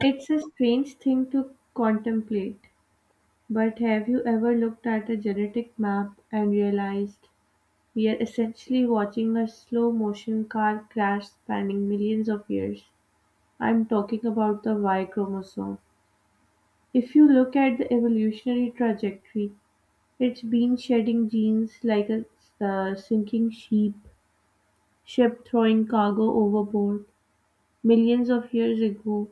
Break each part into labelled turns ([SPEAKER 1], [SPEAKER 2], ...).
[SPEAKER 1] It's a strange thing to contemplate, but have you ever looked at a genetic map and realized we are essentially watching a slow motion car crash spanning millions of years? I'm talking about the Y chromosome. If you look at the evolutionary trajectory, it's been shedding genes like a sinking ship throwing cargo overboard. Millions of years ago,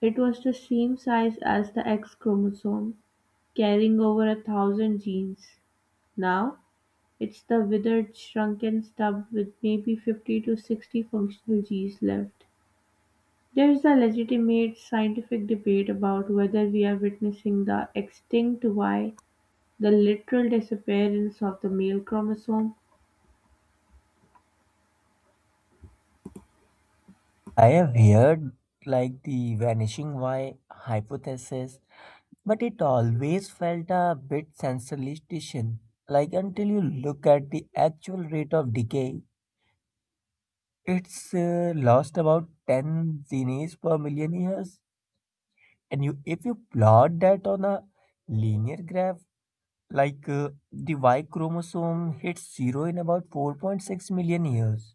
[SPEAKER 1] it was the same size as the X chromosome carrying over a thousand genes. Now, it's the withered, shrunken stub with maybe 50 to 60 functional genes left. There's a legitimate scientific debate about whether we are witnessing the extinct Y, the literal disappearance of the male chromosome.
[SPEAKER 2] I have heard the vanishing Y hypothesis, but it always felt a bit sensationalistic. Until you look at the actual rate of decay, it's lost about 10 zennies per million years. If you plot that on a linear graph, the Y chromosome hits zero in about 4.6 million years.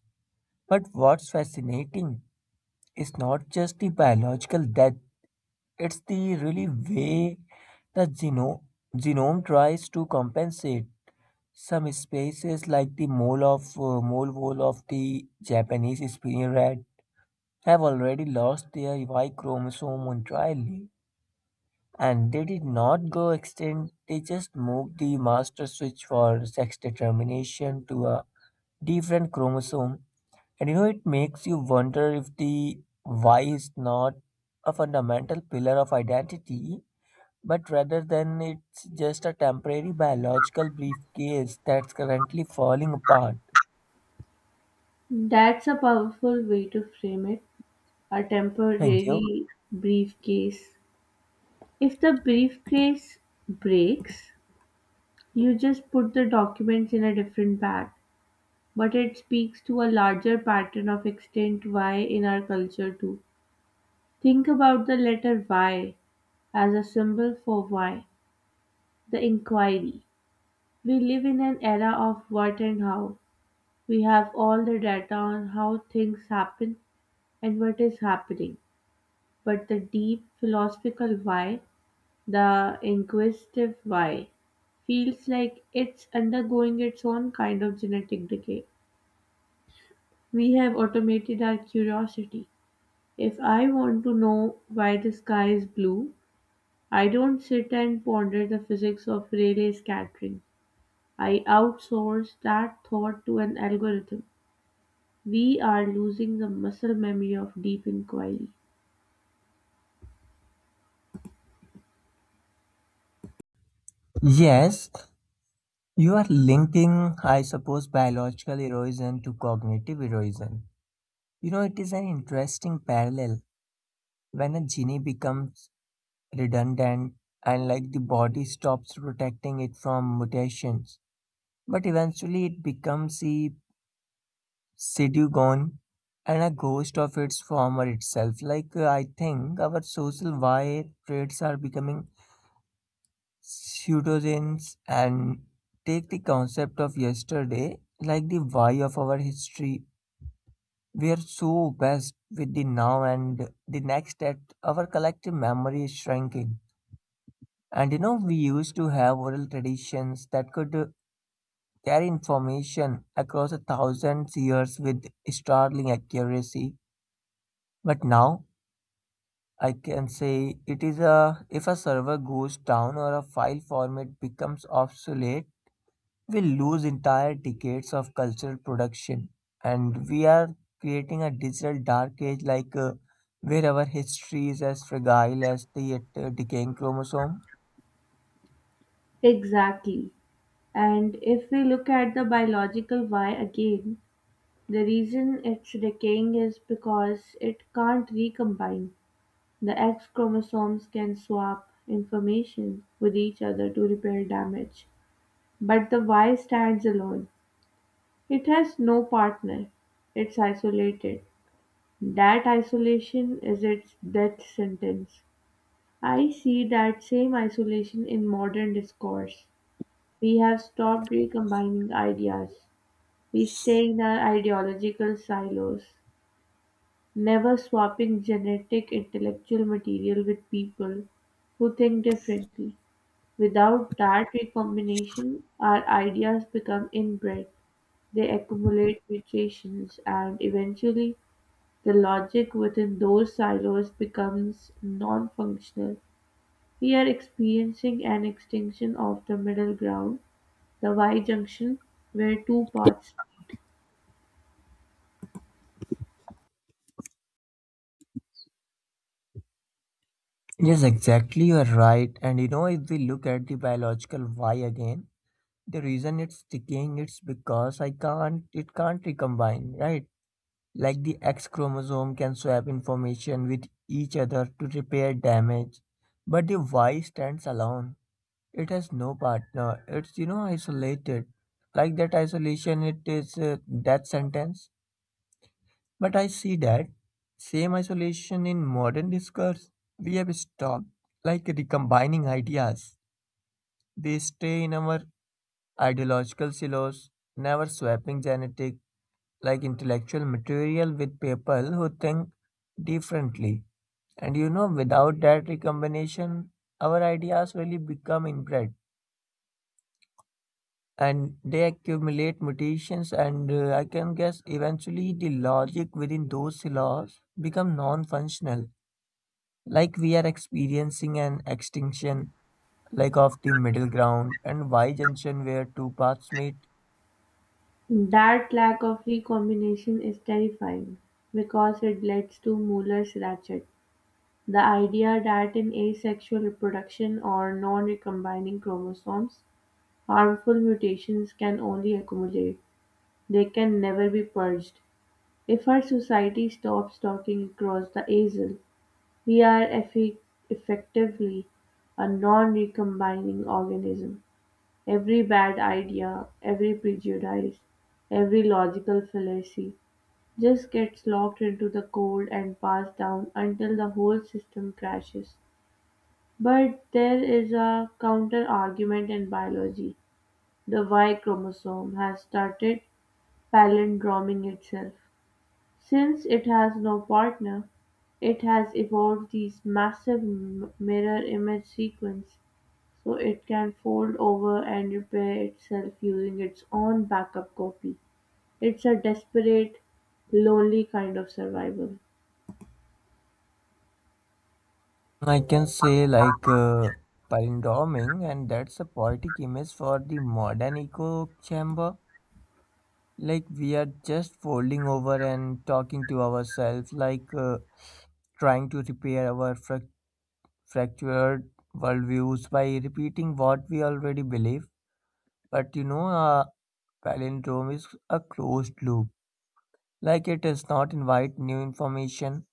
[SPEAKER 2] But what's fascinating is not just the biological death. It's the really way the genome tries to compensate. Some species, like the mole of mole wall of the Japanese spearhead, have already lost their Y chromosome entirely, and they did not go extinct. They just moved the master switch for sex determination to a different chromosome, and you know it makes you wonder if the Y is not a fundamental pillar of identity but rather than it's just a temporary biological briefcase that's currently falling apart.
[SPEAKER 1] That's a powerful way to frame it, a
[SPEAKER 2] Thank you.
[SPEAKER 1] temporary briefcase. If the briefcase breaks, you just put the documents in a different bag. But it speaks to a larger pattern of extent "why" in our culture too. Think about the letter Y as a symbol for why, the inquiry. We live in an era of what and how. We have all the data on how things happen and what is happening. But the deep philosophical why, the inquisitive why, feels like it's undergoing its own kind of genetic decay. We have automated our curiosity. If I want to know why the sky is blue, I don't sit and ponder the physics of Rayleigh scattering. I outsource that thought to an algorithm. We are losing the muscle memory of deep inquiry.
[SPEAKER 2] Yes, you are linking, I suppose, biological erosion to cognitive erosion. You know, it is an interesting parallel. When a gene becomes redundant and the body stops protecting it from mutations, but eventually it becomes a city gone and a ghost of its former itself. I think our social wire traits are becoming pseudonyms and take the concept of yesterday, like the why of our history. We are so obsessed with the now and the next that our collective memory is shrinking. And you know, we used to have oral traditions that could carry information across a thousand years with startling accuracy. But now I can say it is a if a server goes down or a file format becomes obsolete, we lose entire decades of cultural production, and we are creating a digital dark age where our history is as fragile as the decaying chromosome.
[SPEAKER 1] Exactly. And if we look at the biological why again, the reason it's decaying is because it can't recombine. The X chromosomes can swap information with each other to repair damage. But the why stands alone; it has no partner; it's isolated. That isolation is its death sentence. I see that same isolation in modern discourse. We have stopped recombining ideas. We stay in our ideological silos, never swapping genetic intellectual material with people who think differently. Without that recombination, our ideas become inbred. They accumulate mutations, and eventually the logic within those silos becomes non-functional. We are experiencing an extinction of the middle ground, the Y-junction, where two paths.
[SPEAKER 2] Yes, exactly. You are right. And you know, if we look at the biological why again, the reason it's decaying it's because I can't it can't recombine, right? Like the X chromosome can swap information with each other to repair damage, but the Y stands alone. It has no partner. It's you know isolated. Like that isolation, it is a death sentence. But I see that same isolation in modern discourse. We have stopped recombining ideas. They stay in our ideological silos, never swapping genetic intellectual material with people who think differently. And you know, without that recombination, our ideas really become inbred and they accumulate mutations and I can guess eventually the logic within those silos become non-functional. Like we are experiencing an extinction like of the middle ground and y junction where two paths meet.
[SPEAKER 1] That lack of recombination is terrifying because it leads to Mueller's ratchet. The idea that in asexual reproduction or non recombining chromosomes, harmful mutations can only accumulate, they can never be purged. If our society stops talking across the aisle, we are effectively a non-recombining organism. Every bad idea, every prejudice, every logical fallacy just gets locked into the code and passed down until the whole system crashes. But there is a counter argument in biology. The Y chromosome has started palindroming itself. Since it has no partner, it has evolved these massive mirror-image sequences so it can fold over and repair itself using its own backup copy. It's a desperate, lonely kind of survival.
[SPEAKER 2] I can say palindroming, and that's a poetic image for the modern echo chamber. Like we are just folding over and talking to ourselves, trying to repair our fractured worldviews by repeating what we already believe. But you know, a palindrome is a closed loop. Like it does not invite new information.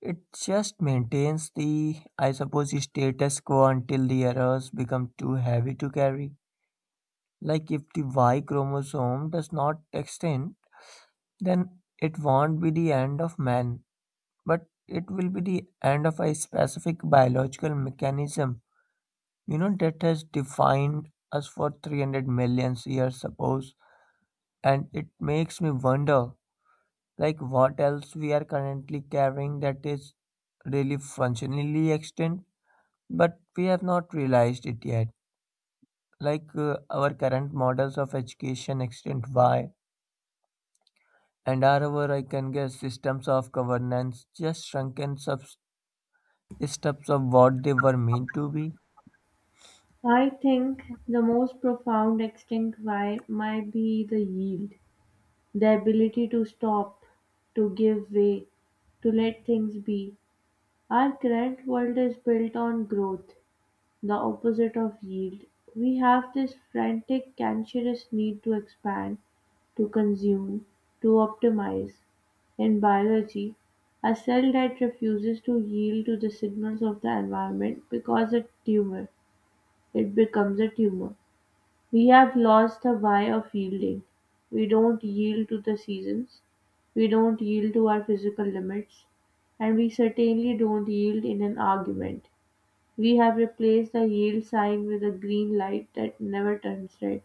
[SPEAKER 2] It just maintains the, I suppose, status quo until the errors become too heavy to carry. Like if the Y chromosome does not extend, then it won't be the end of man, but it will be the end of a specific biological mechanism, you know, that has defined us for 300 million years, suppose. And it makes me wonder, like, what else we are currently carrying that is really functionally extinct but we have not realized it yet. Our current models of education extend wide, and are our, I can guess, systems of governance just shrunken steps of what they were meant to be?
[SPEAKER 1] I think the most profound extinct why might be the yield, the ability to stop, to give way, to let things be. Our current world is built on growth, the opposite of yield. We have this frantic, cancerous need to expand, to consume, to optimize. In biology, a cell that refuses to yield to the signals of the environment because a tumor, it becomes a tumor. We have lost the why of yielding. We don't yield to the seasons, we don't yield to our physical limits, and we certainly don't yield in an argument. We have replaced the yield sign with a green light that never turns red.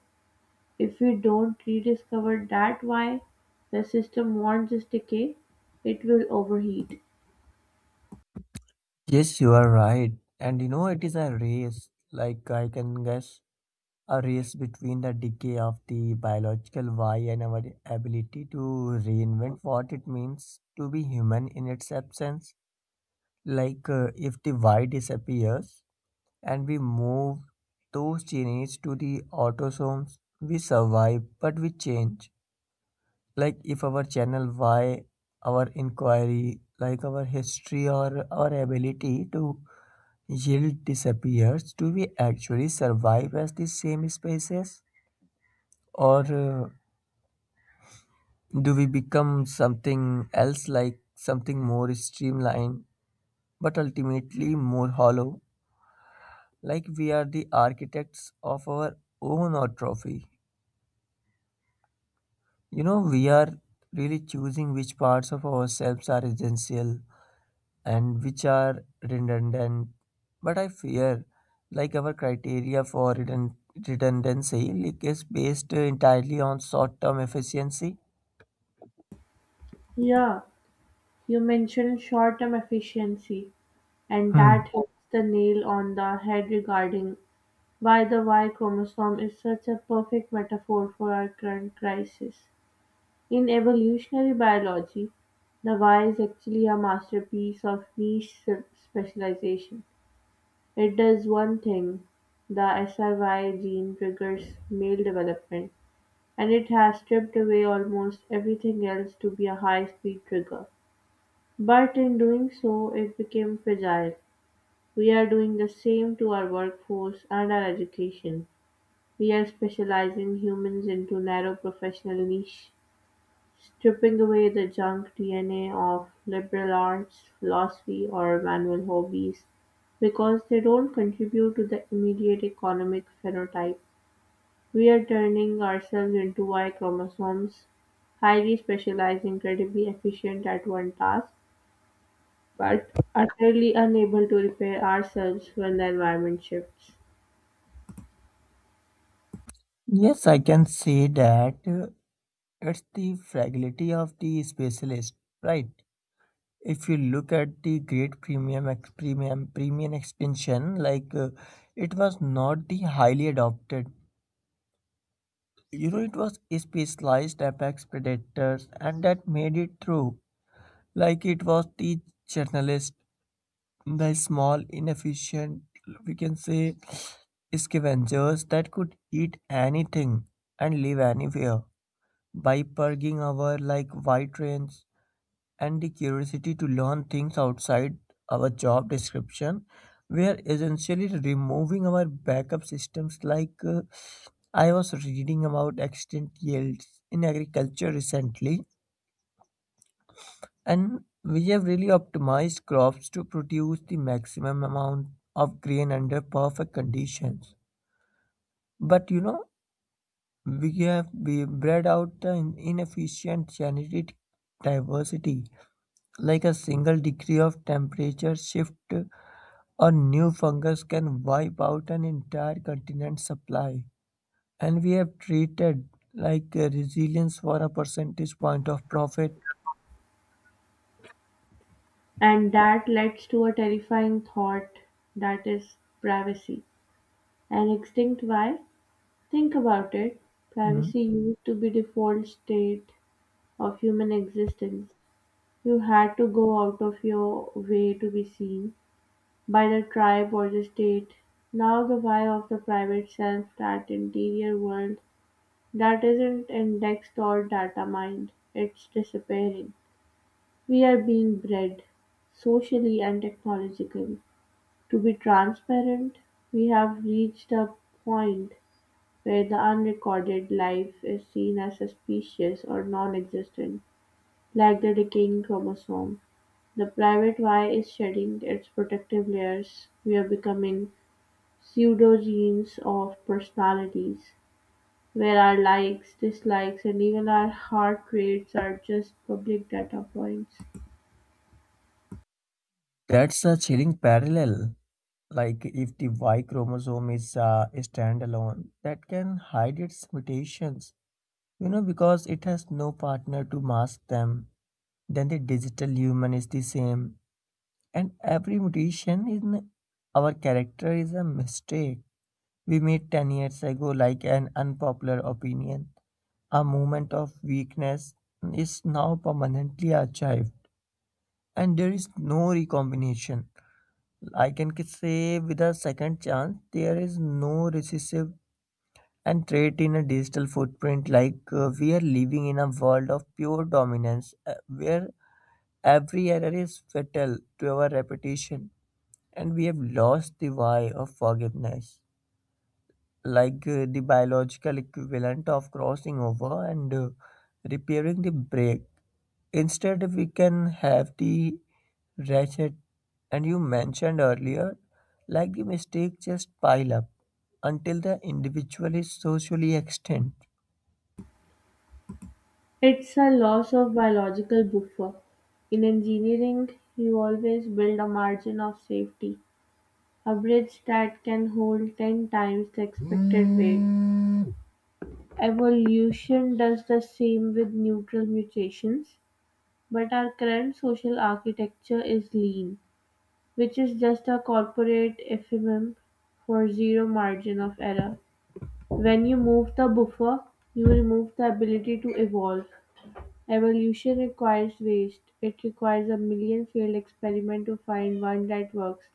[SPEAKER 1] If we don't rediscover that why, the system wants this decay, it will overheat.
[SPEAKER 2] Yes, you are right. And you know, it is a race, like I can guess, a race between the decay of the biological why and our ability to reinvent what it means to be human in its absence. Like, if the why disappears, and we move those genes to the autosomes. We survive, but we change. Like if our channel Y, our inquiry, like our history or our ability to yield disappears, do we actually survive as the same species? Or do we become something else, like something more streamlined, but ultimately more hollow? Like we are the architects of our own atrophy. You know, we are really choosing which parts of ourselves are essential and which are redundant. But I fear, like our criteria for redundancy, like is based entirely on short-term efficiency.
[SPEAKER 1] Yeah, you mentioned short term efficiency, and
[SPEAKER 2] Hmm.
[SPEAKER 1] that hits the nail on the head regarding why the Y chromosome is such a perfect metaphor for our current crisis. In evolutionary biology, the Y is actually a masterpiece of niche specialization. It does one thing: the SIY gene triggers male development, and it has stripped away almost everything else to be a high-speed trigger. But in doing so, it became fragile. We are doing the same to our workforce and our education. We are specializing humans into narrow professional niche, stripping away the junk DNA of liberal arts, philosophy, or manual hobbies because they don't contribute to the immediate economic phenotype. We're turning ourselves into Y chromosomes, highly specialized, incredibly efficient at one task, but utterly unable to repair ourselves when the environment shifts.
[SPEAKER 2] Yes, I can say that it's the fragility of the specialist, right? If you look at the great premium ex- premium premium expansion, it was not the highly adopted you know it was specialized apex predators and that made it through like it was the journalist the small inefficient we can say scavengers that could eat anything and live anywhere by purging our like white trains and the curiosity to learn things outside our job description. We are essentially removing our backup systems. I was reading about extent yields in agriculture recently, and we have really optimized crops to produce the maximum amount of grain under perfect conditions. But you know, we bred out the inefficient genetic diversity like a single degree of temperature shift. A new fungus can wipe out an entire continent's supply, and we have treated resilience for a percentage point of profit.
[SPEAKER 1] And that leads to a terrifying thought, that is privacy. An extinct why? Think about it.
[SPEAKER 2] Mm.
[SPEAKER 1] Privacy used to be default state of human existence. You had to go out of your way to be seen by the tribe or the state. Now the why of the private self, that interior world that isn't indexed or data mined, it's disappearing. We are being bred, socially and technologically, to be transparent. We have reached a point where the unrecorded life is seen as suspicious or non existent, like the decaying chromosome. The private Y is shedding its protective layers, we're becoming pseudogenes of personalities, where our likes, dislikes, and even our heart rates are just public data points.
[SPEAKER 2] That's a chilling parallel. Like if the Y chromosome is standalone, that can hide its mutations, you know, because it has no partner to mask them. Then the digital human is the same, and every mutation in our character is a mistake. We met 10 years ago like an unpopular opinion. A moment of weakness is now permanently archived, and there is no recombination. Say with a second chance, there is no recessive and trait in a digital footprint. We are living in a world of pure dominance where every error is fatal to our reputation, and we have lost the why of forgiveness. Like the biological equivalent of crossing over and repairing the break. Instead, we can have the ratchet, and you mentioned earlier, like the mistakes just pile up until the individual is socially extinct.
[SPEAKER 1] It's a loss of biological buffer. In engineering, you always build a margin of safety, a bridge that can hold 10 times the expected weight. Evolution does the same with neutral mutations. But our current social architecture is lean, which is just a corporate euphemism for zero margin of error. When you move the buffer, you remove the ability to evolve. Evolution requires waste. It requires a million failed experiments to find one that works.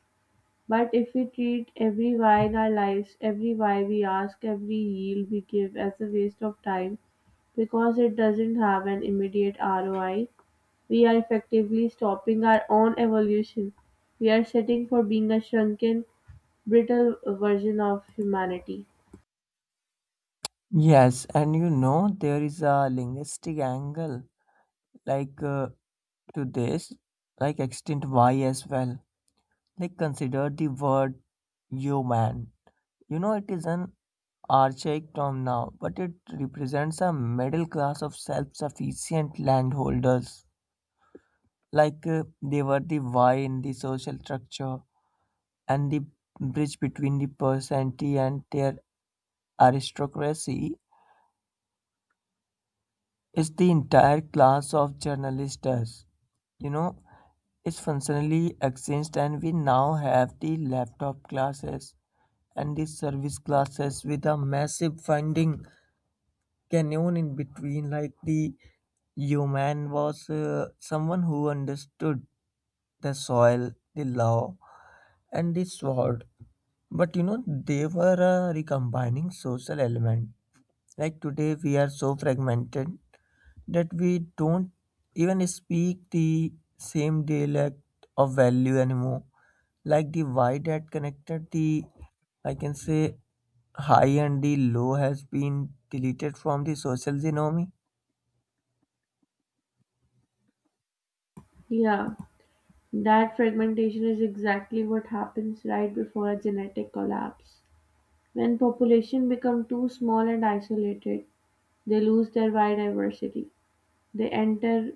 [SPEAKER 1] But if we treat every why in our lives, every why we ask, every yield we give as a waste of time because it doesn't have an immediate ROI, we are effectively stopping our own evolution. We are setting for being a shrunken, brittle version of humanity.
[SPEAKER 2] Yes, and you know, there is a linguistic angle like uh, to this, like extinct Y as well. Like, consider the word human. You know, it is an archaic term now, but it represents a middle class of self sufficient landholders. They were the Y in the social structure and the bridge between the peasantry and their aristocracy is the entire class of journalists. You know, is functionally exchanged, and we now have the laptop classes and the service classes with a massive funding canyon in between like the human was someone who understood the soil, the law, and the sword, but you know they were recombining social element. Like today we are so fragmented that we don't even speak the same dialect of value anymore, like the why that connected the I can say high and the low has been deleted from the social genome.
[SPEAKER 1] Yeah, that fragmentation is exactly what happens right before a genetic collapse. When population become too small and isolated, they lose their biodiversity. They enter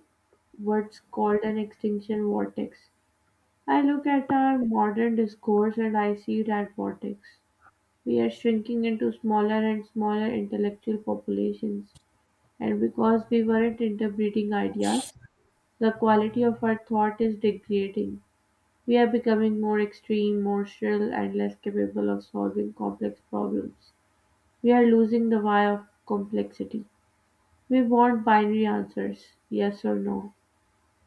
[SPEAKER 1] what's called an extinction vortex. I look at our modern discourse and I see that vortex. We are shrinking into smaller and smaller intellectual populations, and because we weren't interbreeding ideas, the quality of our thought is degrading. We are becoming more extreme, more shrill, and less capable of solving complex problems. We are losing the why of complexity. We want binary answers yes or no,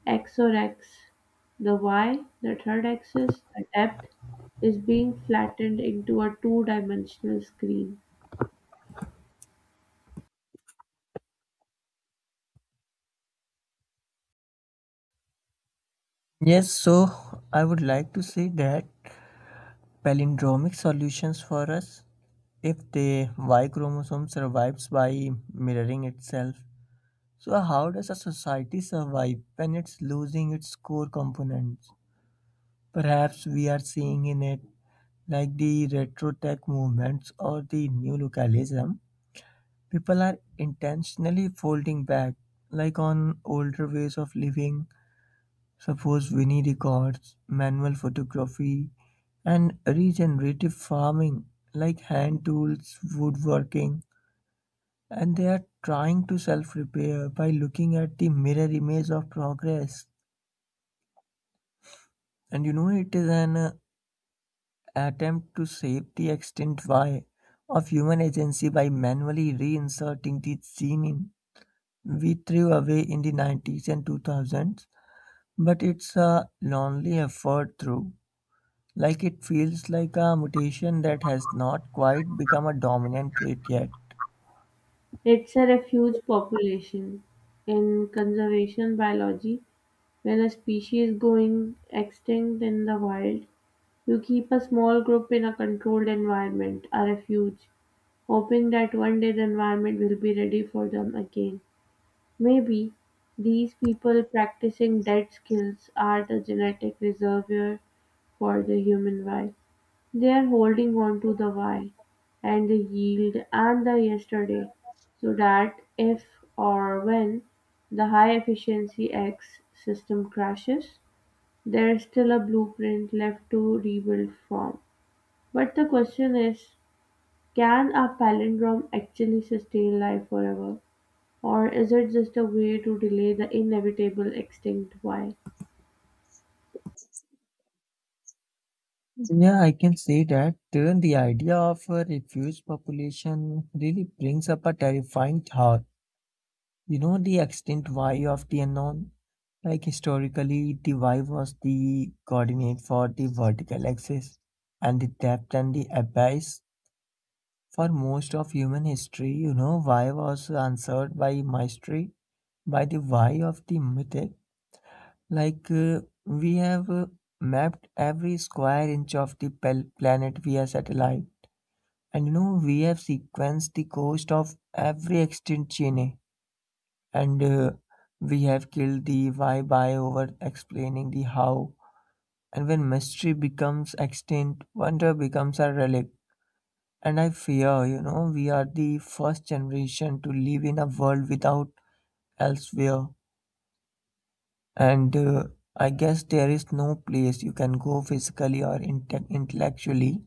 [SPEAKER 1] X or X. The Y, the third axis, the depth, is being flattened into a two dimensional screen.
[SPEAKER 2] Yes, so I would like to say that palindromic solutions for us if the Y chromosome survives by mirroring itself. So, how does a society survive when it's losing its core components? Perhaps we are seeing in it, like the retro tech movements or the new localism, people are intentionally folding back, like on older ways of living. Suppose Winnie records manual photography and regenerative farming, like hand tools, woodworking, and they are trying to self repair by looking at the mirror image of progress. And you know, it is an attempt to shape the extent why of human agency by manually reinserting the gene in. We threw away in the 90s and 2000s, but it's a lonely effort through. Like it feels like a mutation that has not quite become a dominant trait yet.
[SPEAKER 1] It's a refuge population in conservation biology; when a species going extinct in the wild, you keep a small group in a controlled environment, a refuge, hoping that one day the environment will be ready for them again. Maybe these people practicing dead skills are the genetic reservoir for the human wild. They're holding on to the why, and the yield, and the yesterday, so that if or when the high-efficiency X system crashes, there's still a blueprint left to rebuild from. But the question is, can a palindrome actually sustain life forever? Or is it just a way to delay the inevitable extinct why?
[SPEAKER 2] Yeah, I can say that. Even the idea of a refugee population really brings up a terrifying thought. You know, the extinct Y of the unknown? Like historically, the Y was the coordinate for the vertical axis and the depth and the abyss. For most of human history, you know, Y was answered by mystery, by the Y of the mythic. We have mapped every square inch of the planet via satellite, and you know we have sequenced the cost of every extinct chain, and we have killed the why by over explaining the how. And when mystery becomes extinct, wonder becomes a relic. And I fear, you know, we are the first generation to live in a world without elsewhere. And I guess there is no place you can go physically or intellectually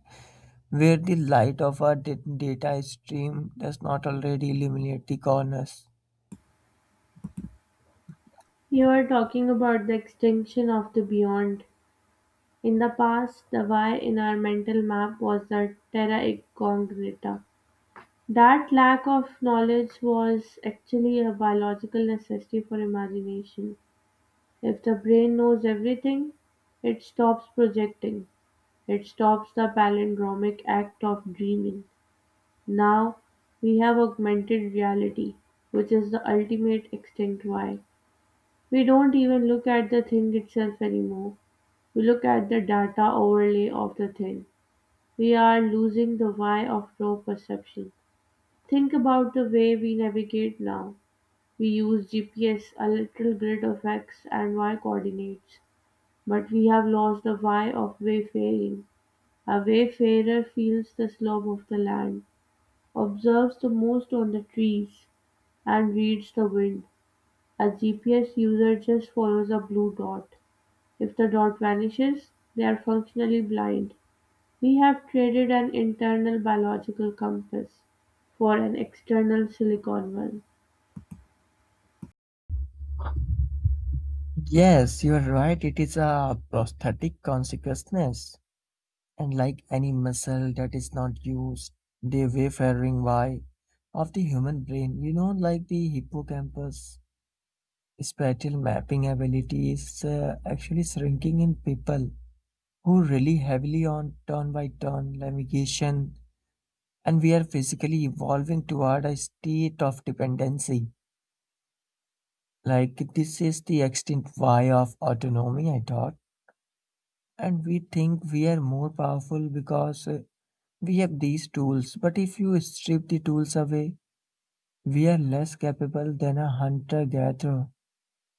[SPEAKER 2] where the light of a data stream does not already illuminate the corners.
[SPEAKER 1] You are talking about the extinction of the beyond. In the past, the why in our mental map was the terra incognita. That lack of knowledge was actually a biological necessity for imagination. If the brain knows everything, it stops projecting. It stops the palindromic act of dreaming. Now we have augmented reality, which is the ultimate extinct why. We don't even look at the thing itself anymore. We look at the data overlay of the thing. We are losing the why of raw perception. Think about the way we navigate now. We use GPS, a literal grid of X and Y coordinates, but we have lost the why of wayfaring. A wayfarer feels the slope of the land, observes the most on the trees, and reads the wind. A GPS user just follows a blue dot. If the dot vanishes, they are functionally blind. We have traded an internal biological compass for an external silicon one.
[SPEAKER 2] Yes, you are right. It is a prosthetic consciousness. And like any muscle that is not used, the wayfaring why of the human brain, you know, like the hippocampus, spatial mapping ability is actually shrinking in people who rely heavily on turn-by-turn navigation, and we are physically evolving toward a state of dependency. Like, this is the extinct why of autonomy, I thought. And we think we are more powerful because we have these tools, but if you strip the tools away, we are less capable than a hunter gatherer.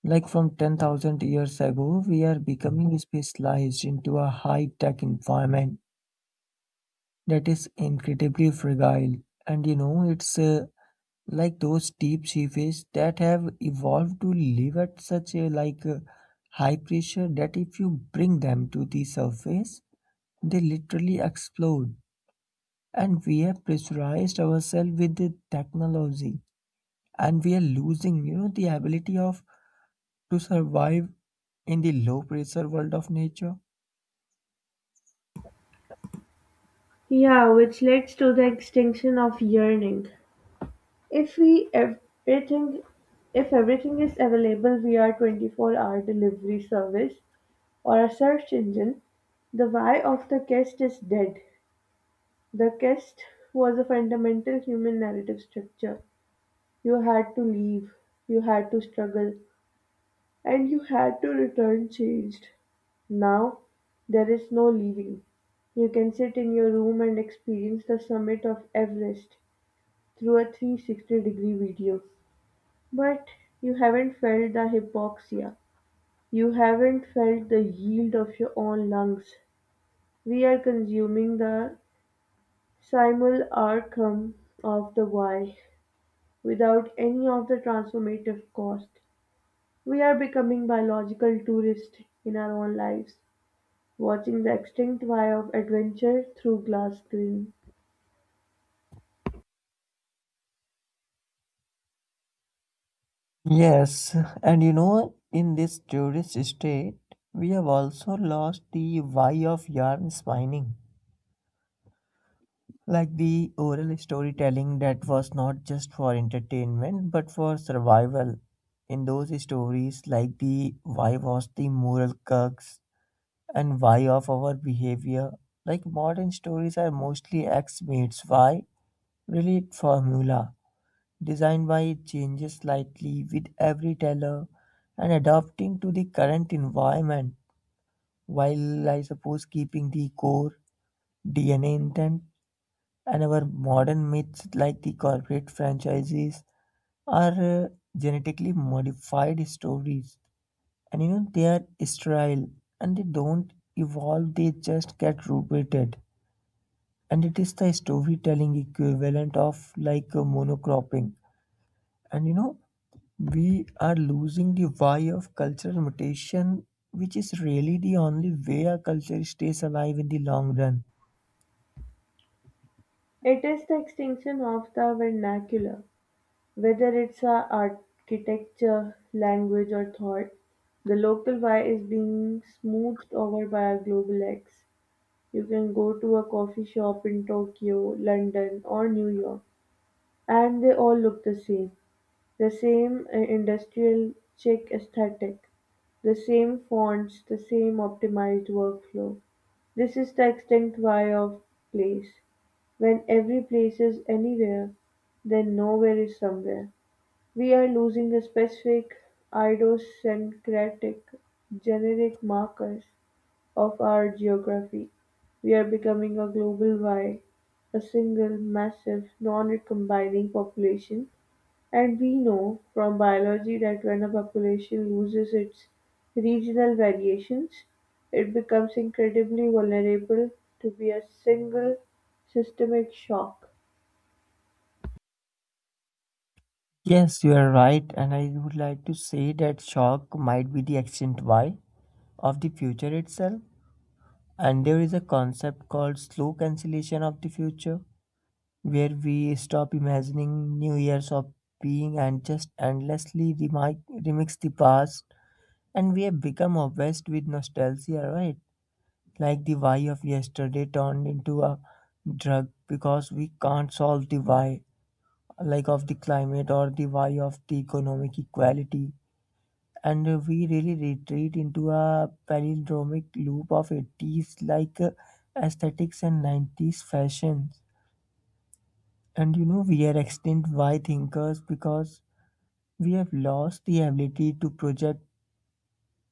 [SPEAKER 2] Like from 10,000 years ago, we are becoming specialized into a high tech environment that is incredibly fragile. And you know, it's like those deep sea fish that have evolved to live at such a high pressure that if you bring them to the surface, they literally explode. And we have pressurized ourselves with the technology, and we are losing, you know, the ability of to survive in the low pressure world of nature.
[SPEAKER 1] Yeah, which leads to the extinction of yearning. If we everything if everything is available via 24-hour delivery service or a search engine, the why of the quest is dead. The quest was a fundamental human narrative structure. You had to leave, you had to struggle, and you had to return changed. Now, there is no leaving. You can sit in your room and experience the summit of Everest through a 360-degree video. But you haven't felt the hypoxia. You haven't felt the yield of your own lungs. We are consuming the simul arcum of the why without any of the transformative cost. We are becoming biological tourists in our own lives. Watching the extinct wire of adventure through glass screen.
[SPEAKER 2] Yes, and you know, in this tourist state, we have also lost the why of yarn spinning. Like the oral storytelling that was not just for entertainment but for survival. In those stories, like the why was the moral crux and why of our behavior. Like modern stories are mostly X meets Y, relate formula. Design wise changes slightly with every tailor and adapting to the current environment while I suppose keeping the core DNA intent and our modern myths like the corporate franchises are genetically modified stories, and you know they are sterile and they don't evolve, they just get repeated, and it is the storytelling equivalent of like a monocropping. And you know, we are losing the why of cultural mutation, which is really the only way our culture stays alive in the long run.
[SPEAKER 1] It is the extinction of the vernacular. Whether it's our architecture, language, or thought, the local wire is being smoothed over by a global X. You can go to a coffee shop in Tokyo, London, or New York, and they all look the same. The same industrial chic aesthetic, the same fonts, the same optimized workflow. This is the extinct why of place. When every place is anywhere, then nowhere is somewhere. We are losing the specific idiosyncratic generic markers of our geography. We are becoming a global why, a single, massive, non-recombining population, and we know from biology that when a population loses its regional variations, it becomes incredibly vulnerable to be a single systemic shock.
[SPEAKER 2] Yes, you are right, and I would like to say that shock might be the ancient why of the future itself. And there is a concept called slow cancellation of the future, where we stop imagining new years of being and just endlessly remix the past, and we have become obsessed with nostalgia, right? Like the why of yesterday turned into a drug because we can't solve the why, like of the climate or the why of the economic equality. And we really retreat into a palindromic loop of 80s aesthetics and 90s fashions. And you know, we are extinct why thinkers because we have lost the ability to project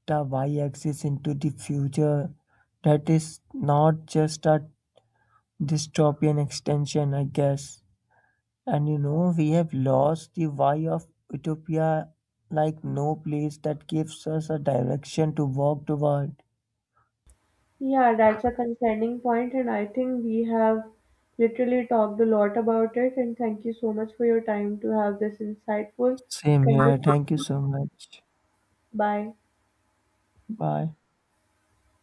[SPEAKER 2] a y axis into the future that is not just a dystopian extension, I guess. And you know, we have lost the why of utopia like no place that gives us a direction to walk toward.
[SPEAKER 1] Yeah, that's a concerning point, and I think we have literally talked a lot about it. And thank you so much for your time to have this insightful
[SPEAKER 2] Same here.
[SPEAKER 1] conversation.
[SPEAKER 2] Thank you so much.
[SPEAKER 1] Bye.
[SPEAKER 2] Bye.